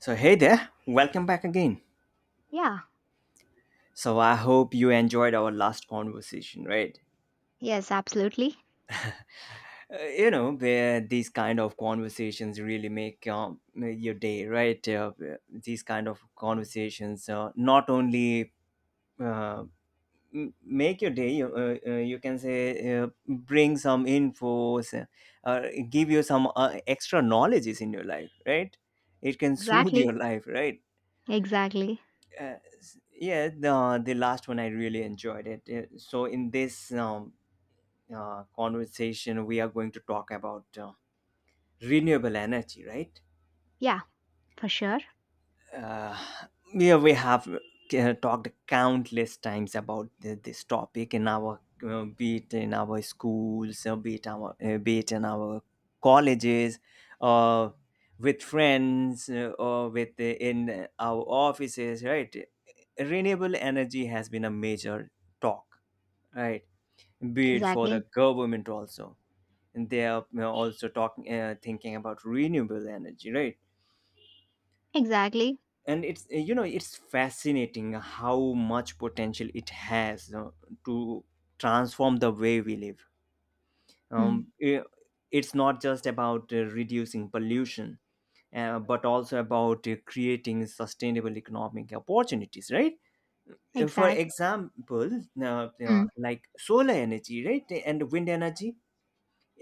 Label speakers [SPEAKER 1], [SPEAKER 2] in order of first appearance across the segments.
[SPEAKER 1] So, hey there, welcome back again.
[SPEAKER 2] Yeah,
[SPEAKER 1] So, I hope you enjoyed our last conversation, right?
[SPEAKER 2] yes, absolutely.
[SPEAKER 1] Where these kind of conversations really make your day, right? These kind of conversations not only uh, make your day, you can say, bring some infos, uh, uh, give you some extra knowledges in your life, right? It can soothe your
[SPEAKER 2] Exactly.
[SPEAKER 1] life, right?
[SPEAKER 2] Exactly.
[SPEAKER 1] Yeah, the last one I really enjoyed it. In this conversation we are going to talk about renewable energy, right?
[SPEAKER 2] Yeah, for sure.
[SPEAKER 1] uh, yeah, we have talked countless times about this topic in our, be it in our schools, be it our, be it in our colleges, uh, with friends, or with in our offices. Right, renewable energy has been a major talk. Right, be it for
[SPEAKER 2] Exactly.
[SPEAKER 1] the government also. And they are, also talking, thinking about renewable energy, right?
[SPEAKER 2] Exactly.
[SPEAKER 1] And it's you know it's fascinating how much potential it has to transform the way we live.
[SPEAKER 2] Hmm.
[SPEAKER 1] um, i- it's not just about reducing pollution, but also about creating sustainable economic opportunities, right? For
[SPEAKER 2] Exactly.
[SPEAKER 1] example,
[SPEAKER 2] Hmm.
[SPEAKER 1] like solar energy, right, and wind energy.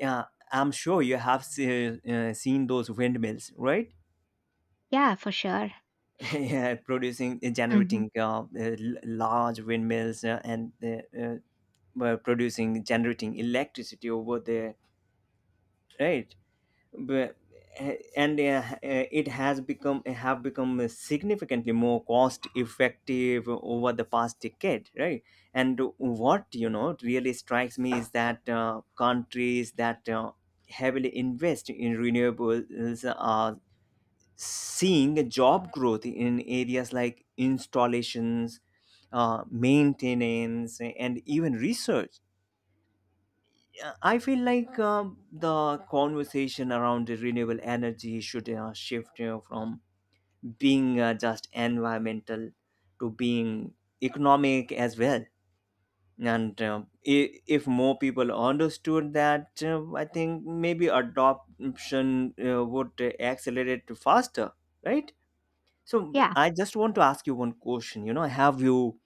[SPEAKER 1] Yeah, I'm sure you have seen those windmills, right?
[SPEAKER 2] Yeah, for sure.
[SPEAKER 1] Yeah, producing,
[SPEAKER 2] Hmm.
[SPEAKER 1] generating, large windmills and were producing, generating electricity over there, right? But and it has become have become significantly more cost effective over the past decade, right? And what, really strikes me is that countries that heavily invest in renewables are seeing job growth in areas like installations, maintenance, and even research. Yeah, I feel like the conversation around the renewable energy should shift you from being just environmental to being economic as well. And if more people understood that, I think maybe adoption would accelerate faster, right? So
[SPEAKER 2] Yeah.
[SPEAKER 1] I just want to ask you one question. You know, have you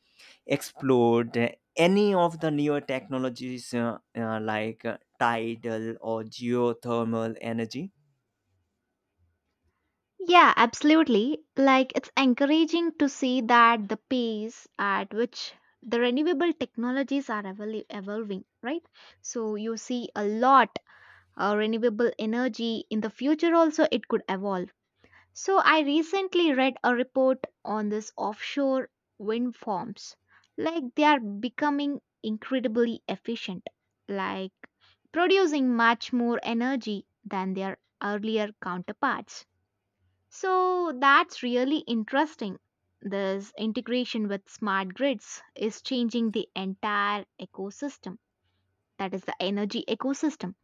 [SPEAKER 1] explored any of the newer technologies like tidal or geothermal energy?
[SPEAKER 2] Yeah, absolutely. Like it's encouraging to see that the pace at which the renewable technologies are evolving, right? So you see a lot renewable energy in the future also it could evolve. So I recently read a report on this offshore wind farms. Like they are becoming incredibly efficient, like producing much more energy than their earlier counterparts. So that's really interesting. This integration with smart grids is changing the entire ecosystem, that is the energy ecosystem.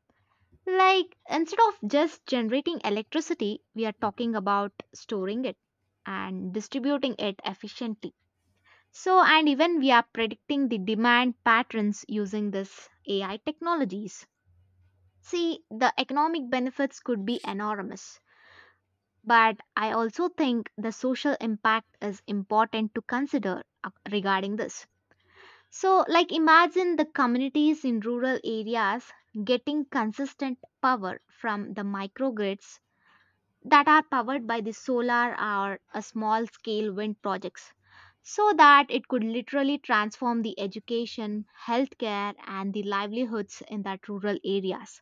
[SPEAKER 2] Like, instead of just generating electricity, we are talking about storing it and distributing it efficiently. So, and even we are predicting the demand patterns using this AI technologies. See, the economic benefits could be enormous, but I also think the social impact is important to consider regarding this. So, like, imagine the communities in rural areas getting consistent power from the microgrids that are powered by the solar or a small scale wind projects so that it could literally transform the education, healthcare, and the livelihoods in that rural areas.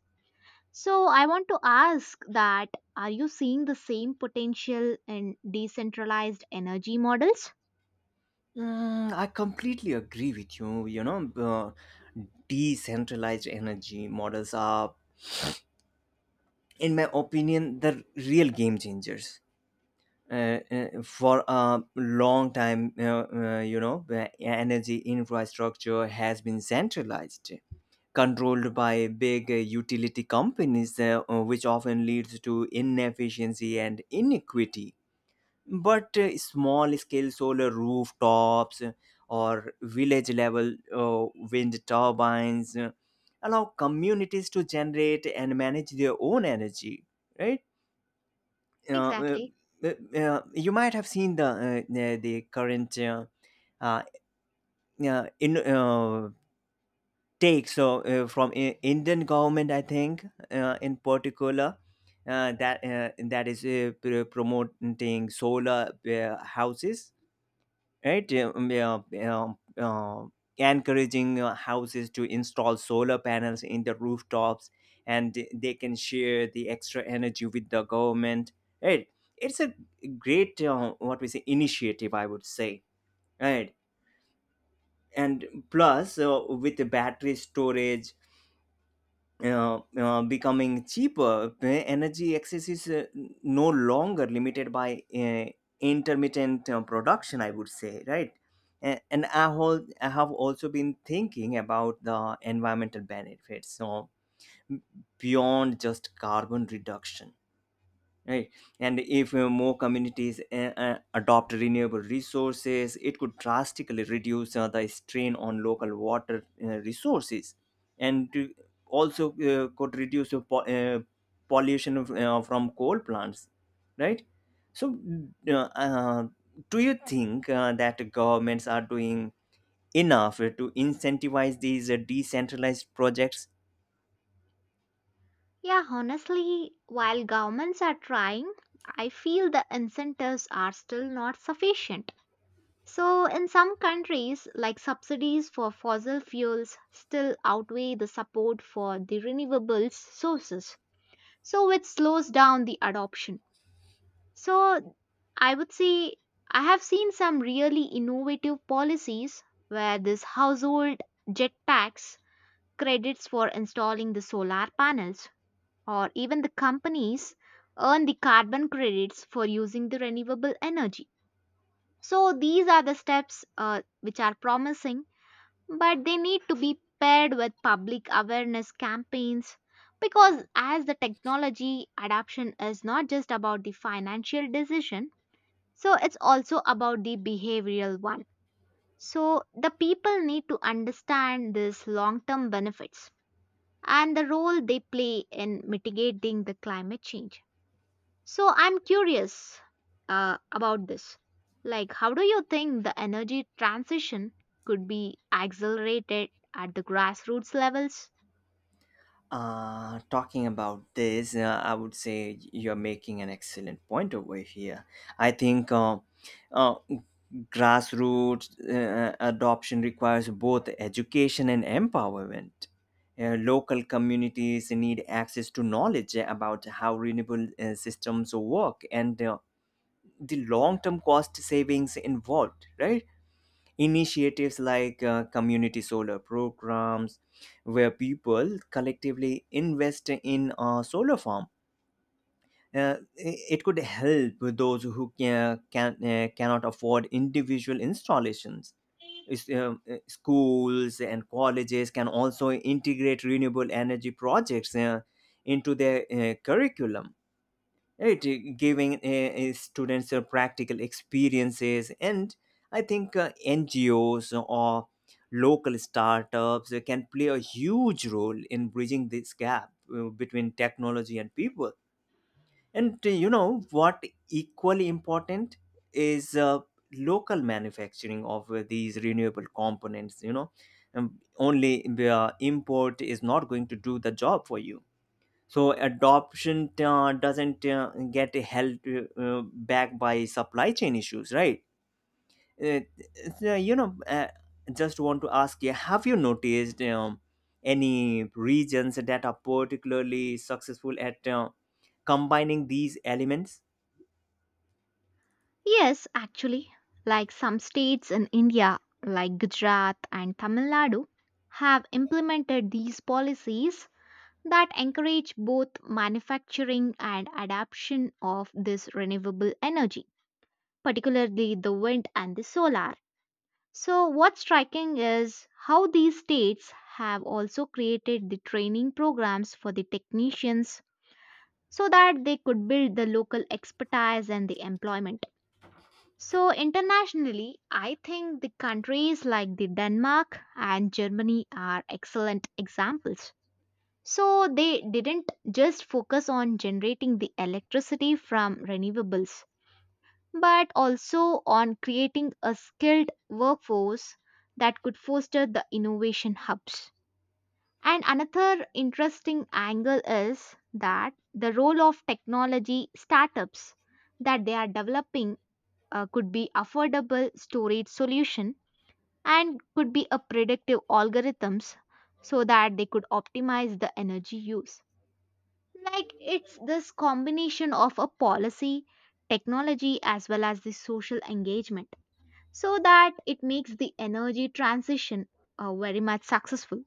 [SPEAKER 2] So, I want to ask that are you seeing the same potential in decentralized energy models?
[SPEAKER 1] Mm, I completely agree with you. Decentralized energy models are, in my opinion, the real game changers. For a long time, the energy infrastructure has been centralized, controlled by big utility companies, which often leads to inefficiency and inequity. But small scale solar rooftops, or village level wind turbines, allow communities to generate and manage their own energy, right? uh, uh,
[SPEAKER 2] Exactly.
[SPEAKER 1] uh, you might have seen the current uh, in take, so from Indian government, I think, in particular. That that is promoting solar houses, right? Yeah, Encouraging houses to install solar panels in the rooftops, and they can share the extra energy with the government, right? It's a great, what we say, initiative, I would say, right? And plus, with the battery storage becoming cheaper, eh, energy access is no longer limited by intermittent production, I would say, right? And I have also been thinking about the environmental benefits, so beyond just carbon reduction, right? And if more communities adopt renewable resources, it could drastically reduce the strain on local water resources, and to- also could reduce the pollution of, from coal plants, right? So uh, uh, do you think that governments are doing enough to incentivize these decentralized projects?
[SPEAKER 2] Yeah, honestly, while governments are trying, I feel the incentives are still not sufficient. So, in some countries, like subsidies for fossil fuels still outweigh the support for the renewables sources, so which slows down the adoption. So, I would say I have seen some really innovative policies where this household jet tax credits for installing the solar panels, or even the companies earn the carbon credits for using the renewable energy. So, these are the steps which are promising, but they need to be paired with public awareness campaigns, because as the technology adoption is not just about the financial decision, so it's also about the behavioral one. So the people need to understand these long term benefits and the role they play in mitigating the climate change. So I'm curious about this. Like, how do you think the energy transition could be accelerated at the grassroots levels?
[SPEAKER 1] Talking about this, I would say you're making an excellent point over here. I think uh, grassroots adoption requires both education and empowerment. Local communities need access to knowledge about how renewable systems work and the long term cost savings involved, right? Initiatives like community solar programs, where people collectively invest in a solar farm. Uh, it could help those who can cannot afford individual installations. Schools and colleges can also integrate renewable energy projects into their curriculum, right? Giving students practical experiences. And I think NGOs or local startups can play a huge role in bridging this gap between technology and people. And, you know what equally important is local manufacturing of these renewable components, only the import is not going to do the job for you, so adoption doesn't get held back by supply chain issues, right? Uh, so, you know uh, just want to ask you, have you noticed any regions that are particularly successful at combining these elements?
[SPEAKER 2] Yes, actually. Like some states in India, like Gujarat and Tamil Nadu, have implemented these policies that encourage both manufacturing and adoption of this renewable energy, particularly the wind and the solar. So, what's striking is how these states have also created the training programs for the technicians so that they could build the local expertise and the employment. So, internationally, I think the countries like the Denmark and Germany are excellent examples. So, they didn't just focus on generating the electricity from renewables but also on creating a skilled workforce that could foster the innovation hubs. And another interesting angle is that the role of technology startups that they are developing could be affordable storage solution and could be a predictive algorithms so that they could optimize the energy use. Like it's this combination of a policy, technology as well as the social engagement so that it makes the energy transition very much successful.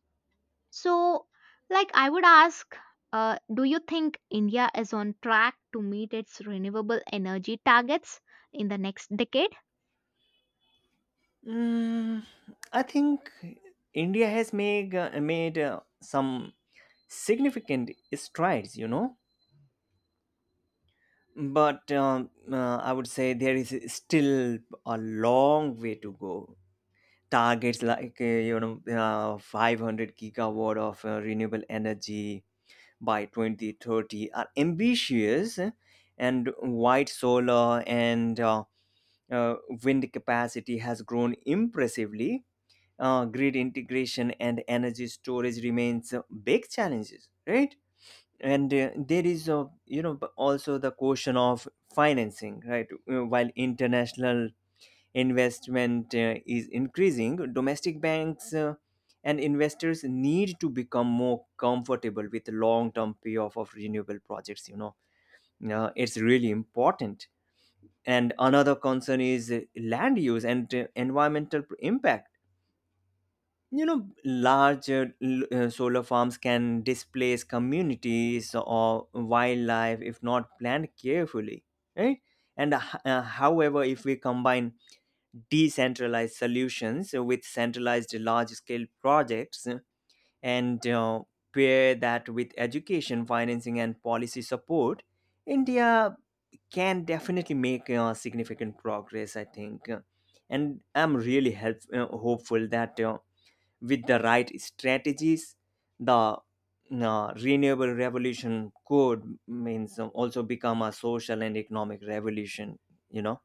[SPEAKER 2] So, like I would ask, do you think India is on track to meet its renewable energy targets in the next decade?
[SPEAKER 1] Mm, I think India has made some significant strides. You know, but I would say there is still a long way to go. Targets like 500 gigawatt of renewable energy by 2030 are ambitious, and white solar and uh, wind capacity has grown impressively. Grid integration and energy storage remains big challenges, right? And there is a, but also the question of financing, right? While international investment is increasing, domestic banks and investors need to become more comfortable with long term payoff of renewable projects, you know. It's really important. And another concern is land use and environmental impact, you know, larger solar farms can displace communities or wildlife if not planned carefully, right? and However, if we combine decentralized solutions with centralized large scale projects, and pair that with education, financing, and policy support, India can definitely make significant progress, I think. And I'm really hopeful that with the right strategies, the renewable revolution could means also become a social and economic revolution, you know.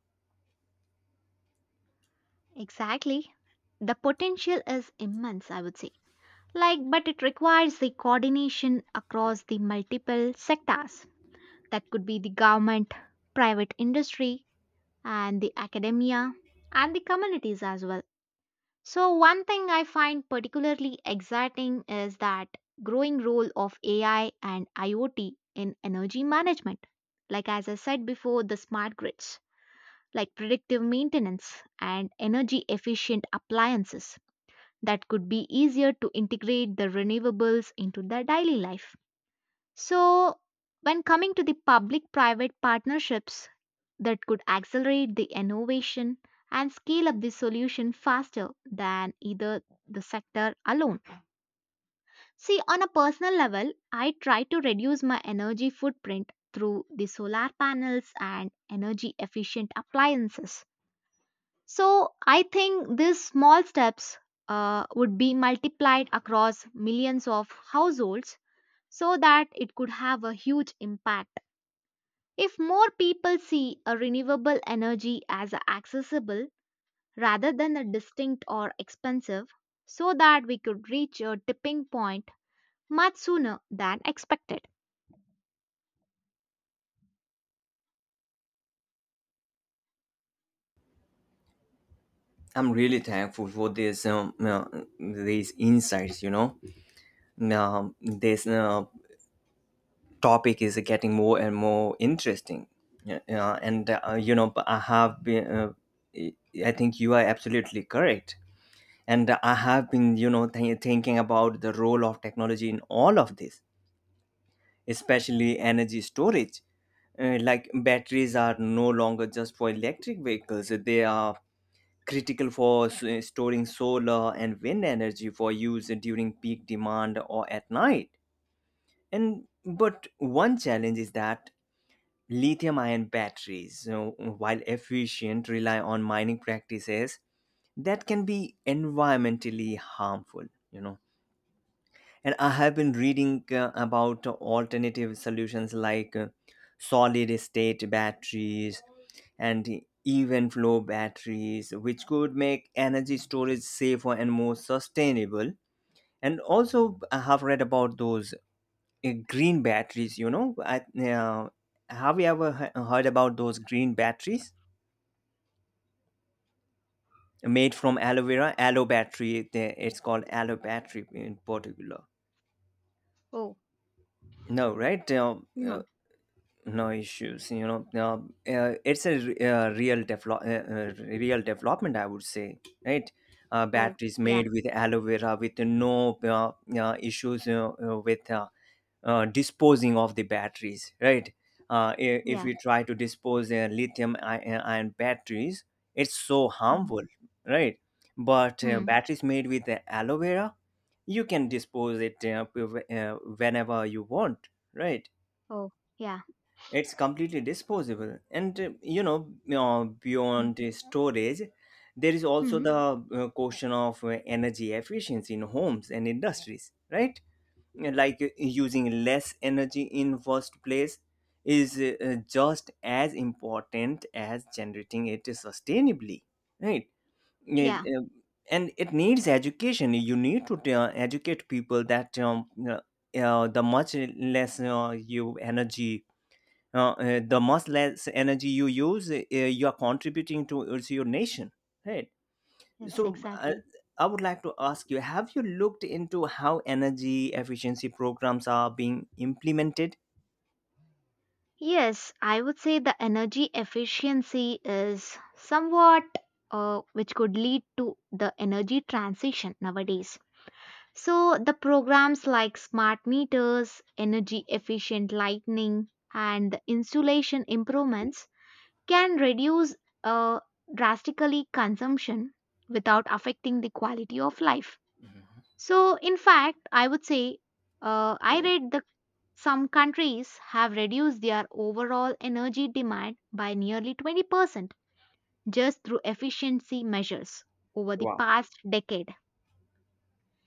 [SPEAKER 2] Exactly. The potential is immense, I would say. Like, but it requires the coordination across the multiple sectors. That could be the government, private industry, and the academia, and the communities as well. So one thing I find particularly exciting is that growing role of AI and IoT in energy management. Like as I said before, the smart grids, like predictive maintenance and energy efficient appliances that could be easier to integrate the renewables into their daily life. So, when coming to the public private partnerships that could accelerate the innovation and scale up the solution faster than either the sector alone. See, on a personal level, I try to reduce my energy footprint through the solar panels and energy efficient appliances. So, I think these small steps would be multiplied across millions of households so that it could have a huge impact. If more people see a renewable energy as a accessible rather than a distinct or expensive, so that we could reach a tipping point much sooner than expected.
[SPEAKER 1] I'm really thankful for this these insights, you know. Now this topic is getting more and more interesting. Yeah, yeah, and, I have been I think you are absolutely correct, and I have been, thinking about the role of technology in all of this, especially energy storage. Like batteries are no longer just for electric vehicles, they are critical for storing solar and wind energy for use during peak demand or at night. And but one challenge is that lithium ion batteries, you know, while efficient, rely on mining practices that can be environmentally harmful, you know. And I have been reading about alternative solutions like solid state batteries and even flow batteries, which could make energy storage safer and more sustainable. And also, I have read about those green batteries. Have you ever heard about those green batteries made from aloe vera? Aloe battery, it's called aloe battery in particular.
[SPEAKER 2] Oh,
[SPEAKER 1] No, right? Uh,
[SPEAKER 2] no.
[SPEAKER 1] no issues, you know. It's a re- real real development, I would say, right.
[SPEAKER 2] Oh,
[SPEAKER 1] Batteries
[SPEAKER 2] yeah,
[SPEAKER 1] made with aloe vera, with no issues with disposing of the batteries, right. If
[SPEAKER 2] yeah.
[SPEAKER 1] we try to dispose lithium ion batteries, it's so
[SPEAKER 2] Mm.
[SPEAKER 1] harmful, right. But
[SPEAKER 2] Hmm.
[SPEAKER 1] batteries made with aloe vera, you can dispose it whenever you want, right.
[SPEAKER 2] Oh, yeah.
[SPEAKER 1] It's completely disposable. And,
[SPEAKER 2] Mm.
[SPEAKER 1] beyond the storage, there is also
[SPEAKER 2] Hmm.
[SPEAKER 1] the question of energy efficiency in homes and industries, right. Uh, like uh, Using less energy in first place is just as important as generating it sustainably, right. It,
[SPEAKER 2] Yeah.
[SPEAKER 1] uh, and it needs education. You need to educate people that uh, the much less you energy the much less energy you use, you are contributing towards your nation, right?
[SPEAKER 2] Yes,
[SPEAKER 1] So
[SPEAKER 2] exactly.
[SPEAKER 1] I would like to ask you: have you looked into how energy efficiency programs are being implemented?
[SPEAKER 2] Yes, I would say the energy efficiency is somewhat which could lead to the energy transition nowadays. So, the programs like smart meters, energy efficient lighting, and the insulation improvements can reduce uh, drastically consumption without affecting the quality of life.
[SPEAKER 1] Mhm.
[SPEAKER 2] So, in fact, I would say I read that some countries have reduced their overall energy demand by nearly 20% just through efficiency measures over the
[SPEAKER 1] Wow.
[SPEAKER 2] past decade.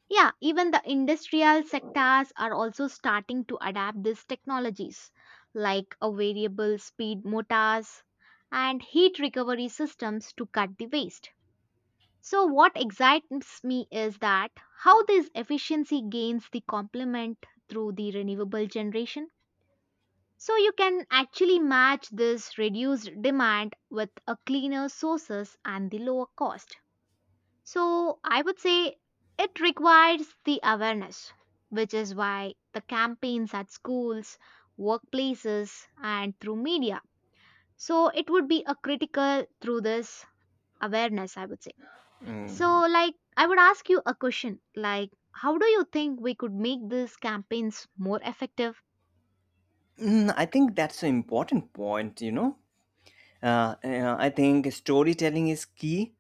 [SPEAKER 2] Yeah, even the industrial sectors are also starting to adapt these technologies like a variable speed motors and heat recovery systems to cut the waste. So, what excites me is that how this efficiency gains the complement through the renewable generation. So, you can actually match this reduced demand with a cleaner sources and the lower cost. So, I would say it requires the awareness, which is why the campaigns at schools, workplaces, and through media. So, it would be a critical through this awareness, I would say.
[SPEAKER 1] Mm.
[SPEAKER 2] So, like, I would ask you a question like, how do you think we could make these campaigns more effective?
[SPEAKER 1] Mm, I think that's an important point, you know. I think storytelling is key.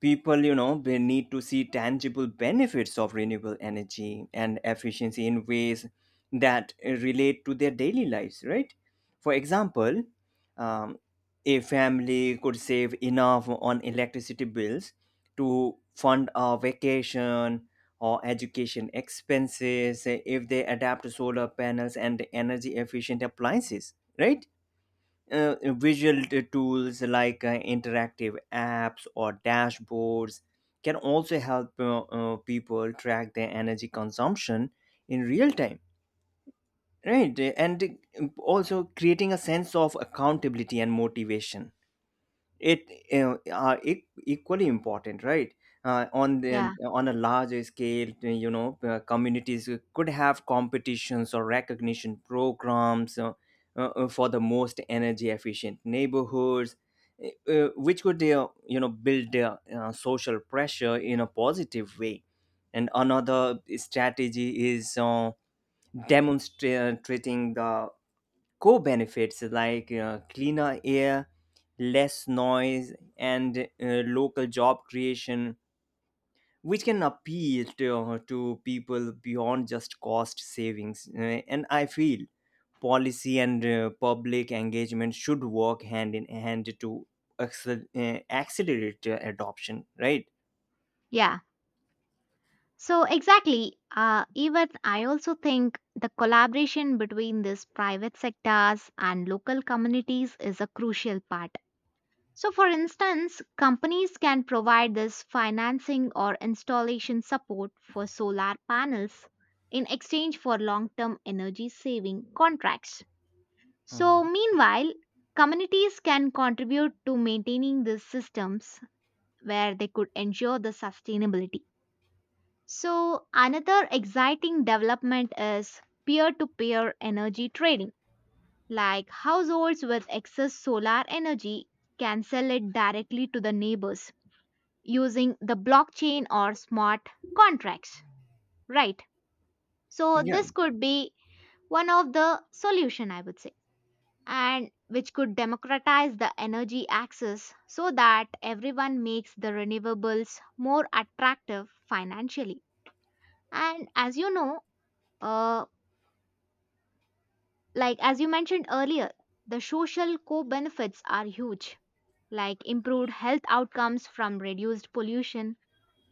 [SPEAKER 1] People, they need to see tangible benefits of renewable energy and efficiency in ways that relate to their daily lives, right? For example, um, a family could save enough on electricity bills to fund a vacation or education expenses if they adapt to solar panels and energy efficient appliances, right? uh, Visual tools like interactive apps or dashboards can also help people track their energy consumption in real time, right? And also creating a sense of accountability and motivation, it, are equally important, right? On the
[SPEAKER 2] Yeah.
[SPEAKER 1] on a larger scale, communities could have competitions or recognition programs, for the most energy efficient neighborhoods, which could build social pressure in a positive way. And another strategy is demonstrating the co benefits, like cleaner air, less noise, and local job creation, which can appeal to people beyond just cost savings. And I feel policy and public engagement should work hand in hand to accelerate adoption, right?
[SPEAKER 2] Yeah. So, exactly. Even I also think the collaboration between these private sectors and local communities is a crucial part. So, for instance, companies can provide this financing or installation support for solar panels in exchange for long term energy saving contracts. So, meanwhile, communities can contribute to maintaining these systems where they could ensure the sustainability. So, another exciting development is peer to peer energy trading, like households with excess solar energy can sell it directly to the neighbors using the blockchain or smart contracts, right? So, this could be one of the solution I would say, and which could democratize the energy access so that everyone makes the renewables more attractive financially. And as you know, uh, like as you mentioned earlier, the social co benefits are huge, like improved health outcomes from reduced pollution.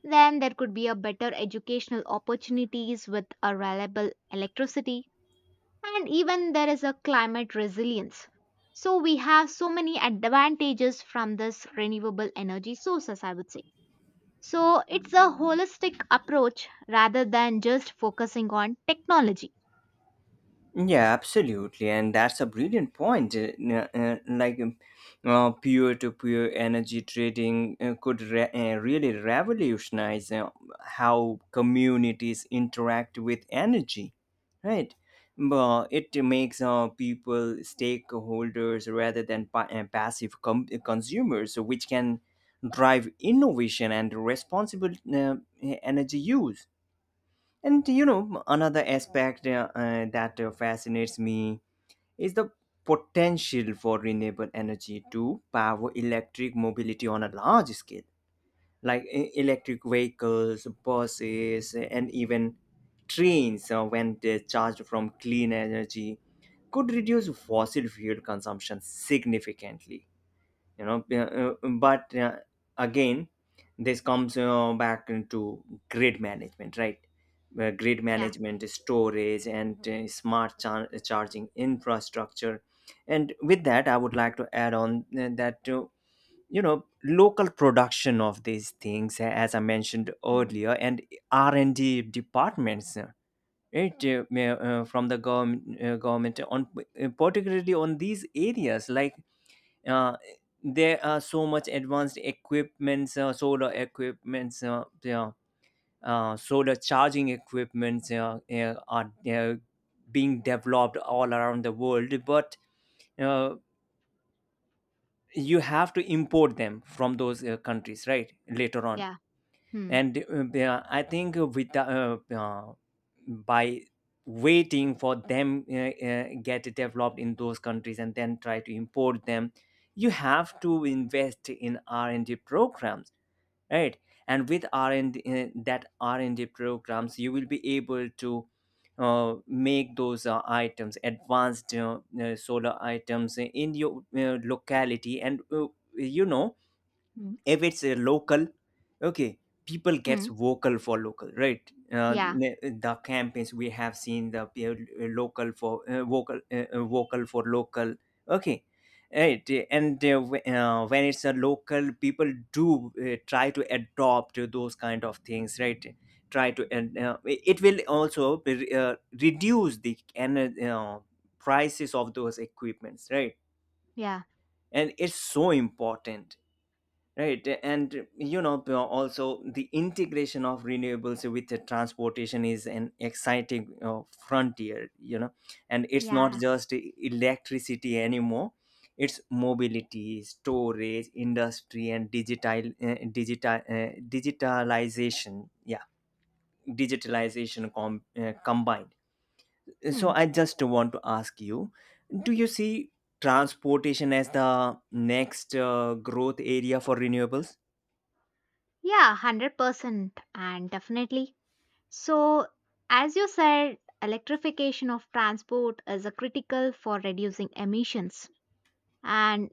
[SPEAKER 2] Then there could be a better educational opportunities with a reliable electricity, and even there is a climate resilience. So we have so many advantages from this renewable energy sources, I would say. So it's a holistic approach rather than just focusing on technology.
[SPEAKER 1] Yeah, absolutely, and that's a brilliant point. Like peer to peer energy trading could really revolutionize how communities interact with energy, right? But it makes people stakeholders rather than passive consumers, which can drive innovation and responsible energy use. And another aspect that fascinates me is the potential for renewable energy to power electric mobility on a large scale, like electric vehicles, buses, and even trains, when they charged from clean energy, could reduce fossil fuel consumption significantly. B- but Again, this comes back into grid management, right? Where grid
[SPEAKER 2] Yeah.
[SPEAKER 1] management, storage, and smart charging infrastructure. And with that, I would like to add on that, you know local production of these things, as I mentioned
[SPEAKER 2] Mm.
[SPEAKER 1] earlier, and R&D departments, right, from the government, on, particularly on these areas, like uh, there are so much advanced equipments, solar equipments, yeah, solar charging equipments are being developed all around the world, but uh, you have to import them from those countries, right, later on.
[SPEAKER 2] Yeah. Hmm.
[SPEAKER 1] And I think, with by waiting for them get developed in those countries and then try to import them, you have to invest in R&D programs, right? And with r&d that R&D programs, you will be able to make those items, advanced solar items, in your locality, and you know
[SPEAKER 2] Hmm.
[SPEAKER 1] if it's a local, okay, people gets
[SPEAKER 2] Hmm.
[SPEAKER 1] vocal for local, right?
[SPEAKER 2] Yeah.
[SPEAKER 1] The campaigns we have seen, the pe- local for vocal vocal for local, okay, right? And when it's a local, people do try to adopt those kind of things, right? Try to, and it will also be, reduce the prices of those equipments, right?
[SPEAKER 2] Yeah.
[SPEAKER 1] And it's so important. Right, and also the integration of renewables with the transportation is an exciting frontier, you know, and it's not
[SPEAKER 2] Yeah.
[SPEAKER 1] just electricity anymore. It's mobility, storage, industry, and digitalization. Yeah, digitalization combined. So
[SPEAKER 2] Hmm.
[SPEAKER 1] I just want to ask you, do you see transportation as the next growth area for renewables?
[SPEAKER 2] Yeah. 100% and definitely. So, as you said, electrification of transport is a critical for reducing emissions and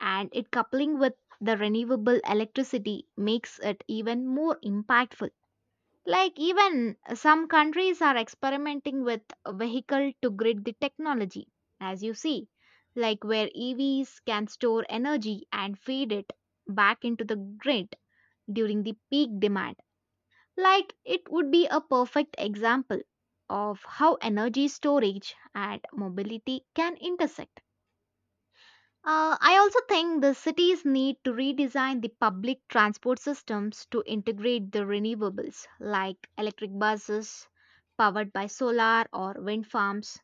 [SPEAKER 2] and it coupling with the renewable electricity makes it even more impactful. Like even some countries are experimenting with vehicle to grid the technology, as you see, like where EVs can store energy and feed it back into the grid during the peak demand. Like it would be a perfect example of how energy storage and mobility can intersect. I also think the cities need to redesign the public transport systems to integrate the renewables like electric buses powered by solar or wind farms,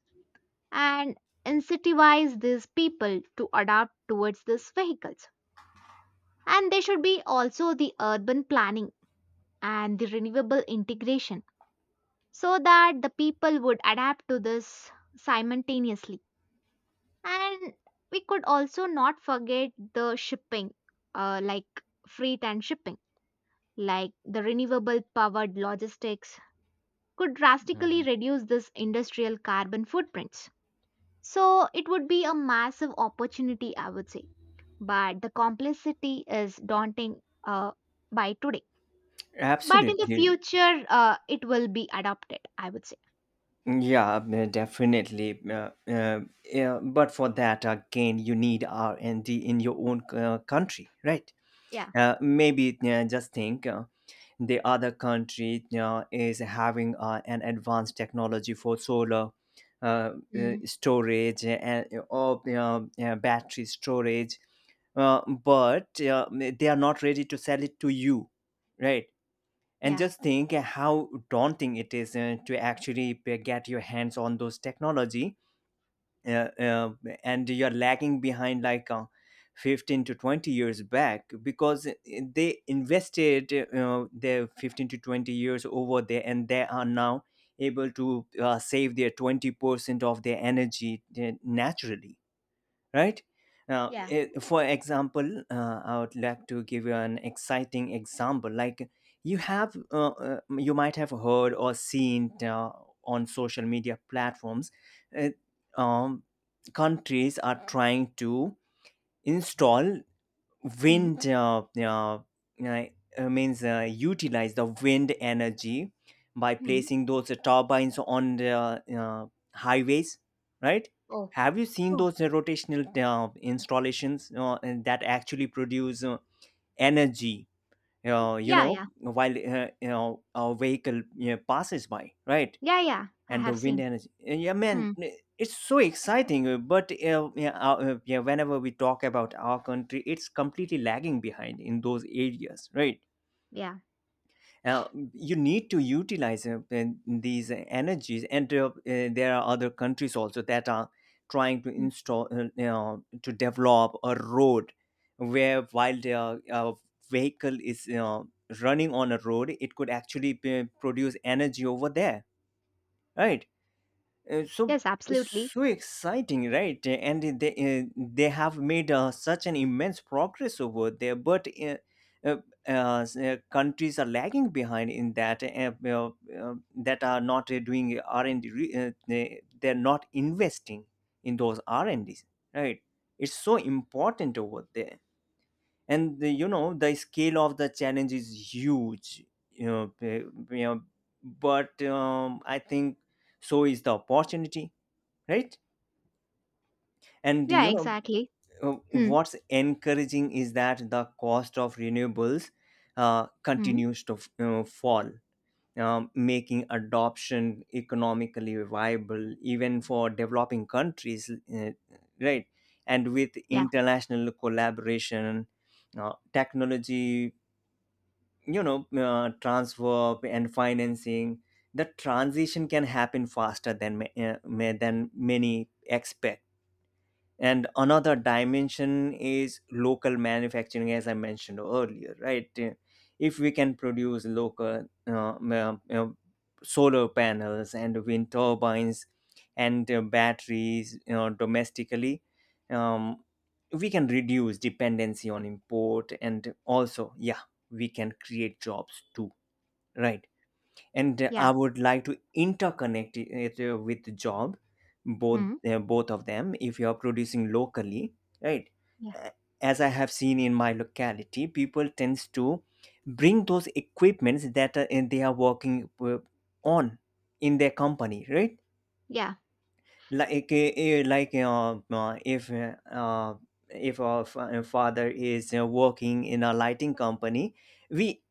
[SPEAKER 2] and incentivize these people to adapt towards these vehicles. And there should be also the urban planning and the renewable integration so that the people would adapt to this simultaneously. And we could also not forget the shipping, like freight and shipping, like the renewable powered logistics could drastically reduce this industrial carbon footprints. So it would be a massive opportunity, I would say. But the complexity is daunting by today. But in the
[SPEAKER 1] Absolutely.
[SPEAKER 2] future, it will be adopted, I would say.
[SPEAKER 1] Yeah, definitely. Yeah, but for that, again, you need R&D in your own country, right?
[SPEAKER 2] Yeah.
[SPEAKER 1] Maybe just think, the other country is having an advanced technology for solar, uh,
[SPEAKER 2] Mm.
[SPEAKER 1] storage, and or battery storage, but they are not ready to sell it to you, right? And
[SPEAKER 2] Yeah.
[SPEAKER 1] just think how daunting it is to actually get your hands on those technology, uh, uh, and you're lagging behind like 15 to 20 years back, because they invested their 15 to 20 years over there, and they are now able to save their 20% of their energy naturally, right? Now,
[SPEAKER 2] Yeah.
[SPEAKER 1] for example, I would like to give you an exciting example. Like you might have heard or seen on social media platforms, uh, um, countries are trying to install
[SPEAKER 2] Mm.
[SPEAKER 1] wind, uh, means utilize the wind energy by
[SPEAKER 2] Mm.
[SPEAKER 1] placing those turbines on the highways, right?
[SPEAKER 2] Oh.
[SPEAKER 1] Have you seen
[SPEAKER 2] Oh.
[SPEAKER 1] those rotational installations, and that actually produce energy,
[SPEAKER 2] Yeah. Yeah.
[SPEAKER 1] while a vehicle you passes by, right?
[SPEAKER 2] Yeah. Yeah. I
[SPEAKER 1] And the
[SPEAKER 2] have
[SPEAKER 1] wind
[SPEAKER 2] seen.
[SPEAKER 1] energy. Yeah, man,
[SPEAKER 2] Hmm.
[SPEAKER 1] it's so exciting. But yeah, whenever we talk about our country, it's completely lagging behind in those areas, right?
[SPEAKER 2] Yeah.
[SPEAKER 1] Uh, you need to utilize and these energies, and there are other countries also that are trying to
[SPEAKER 2] Hmm.
[SPEAKER 1] install, to develop a road where, while the uh, vehicle is, running on a road, it could actually produce energy over there, right? So
[SPEAKER 2] Yes,
[SPEAKER 1] it's
[SPEAKER 2] absolutely.
[SPEAKER 1] so exciting, right? And they have made such an immense progress over there, but uh, countries are lagging behind in that, that are not doing R&D, they're not investing in those R&Ds, right? It's so important over there. And the, you know the scale of the challenge is huge, you know, uh, you know but I think so is the opportunity, right? And
[SPEAKER 2] Yeah, exactly. Hmm.
[SPEAKER 1] what's encouraging is that the cost of renewables
[SPEAKER 2] Hmm.
[SPEAKER 1] continues to fall, making adoption economically viable even for developing countries, right. And with
[SPEAKER 2] Yeah.
[SPEAKER 1] international collaboration, technology, transfer and financing, the transition can happen faster than than many expect. And another dimension is local manufacturing, as I mentioned earlier, right? If we can produce local, solar panels and wind turbines and batteries, domestically, um, we can reduce dependency on import, and also, yeah, we can create jobs too, right? And
[SPEAKER 2] Yeah.
[SPEAKER 1] I would like to interconnect it with the job,
[SPEAKER 2] Hmm.
[SPEAKER 1] both of them. If you are producing locally, right?
[SPEAKER 2] Yeah.
[SPEAKER 1] Uh, As I have seen in my locality, people tends to bring those equipments that, and they are working uh, on, in their company, right?
[SPEAKER 2] Yeah.
[SPEAKER 1] Like if uh, if our father is working in a lighting company, we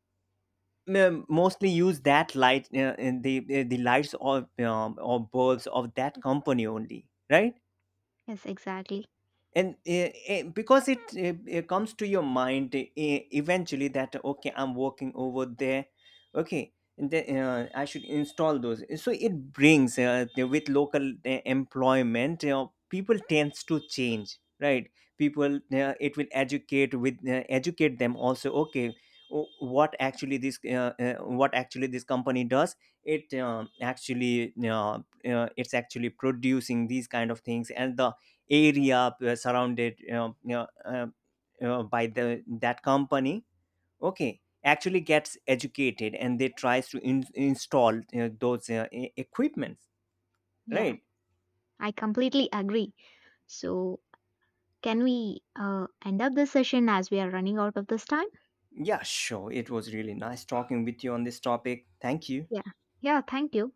[SPEAKER 1] mostly use that light in the lights, or bulbs of that company only, right?
[SPEAKER 2] Yes, exactly.
[SPEAKER 1] And because it, comes to your mind eventually, that okay, I'm working over there, okay, and then, I should install those, so it brings with local employment, people tends to change, right? People, it will educate them also, okay. What actually this company does, it um actually uh, it's actually producing these kind of things. And the area, surrounded, by the that company, okay, actually gets educated, and they tries to install, those equipments,
[SPEAKER 2] Yeah.
[SPEAKER 1] right?
[SPEAKER 2] I completely agree. So, can we end up this session as we are running out of this time?
[SPEAKER 1] Yeah, sure, it was really nice talking with you on this topic. Thank you.
[SPEAKER 2] Yeah. Yeah. Thank you.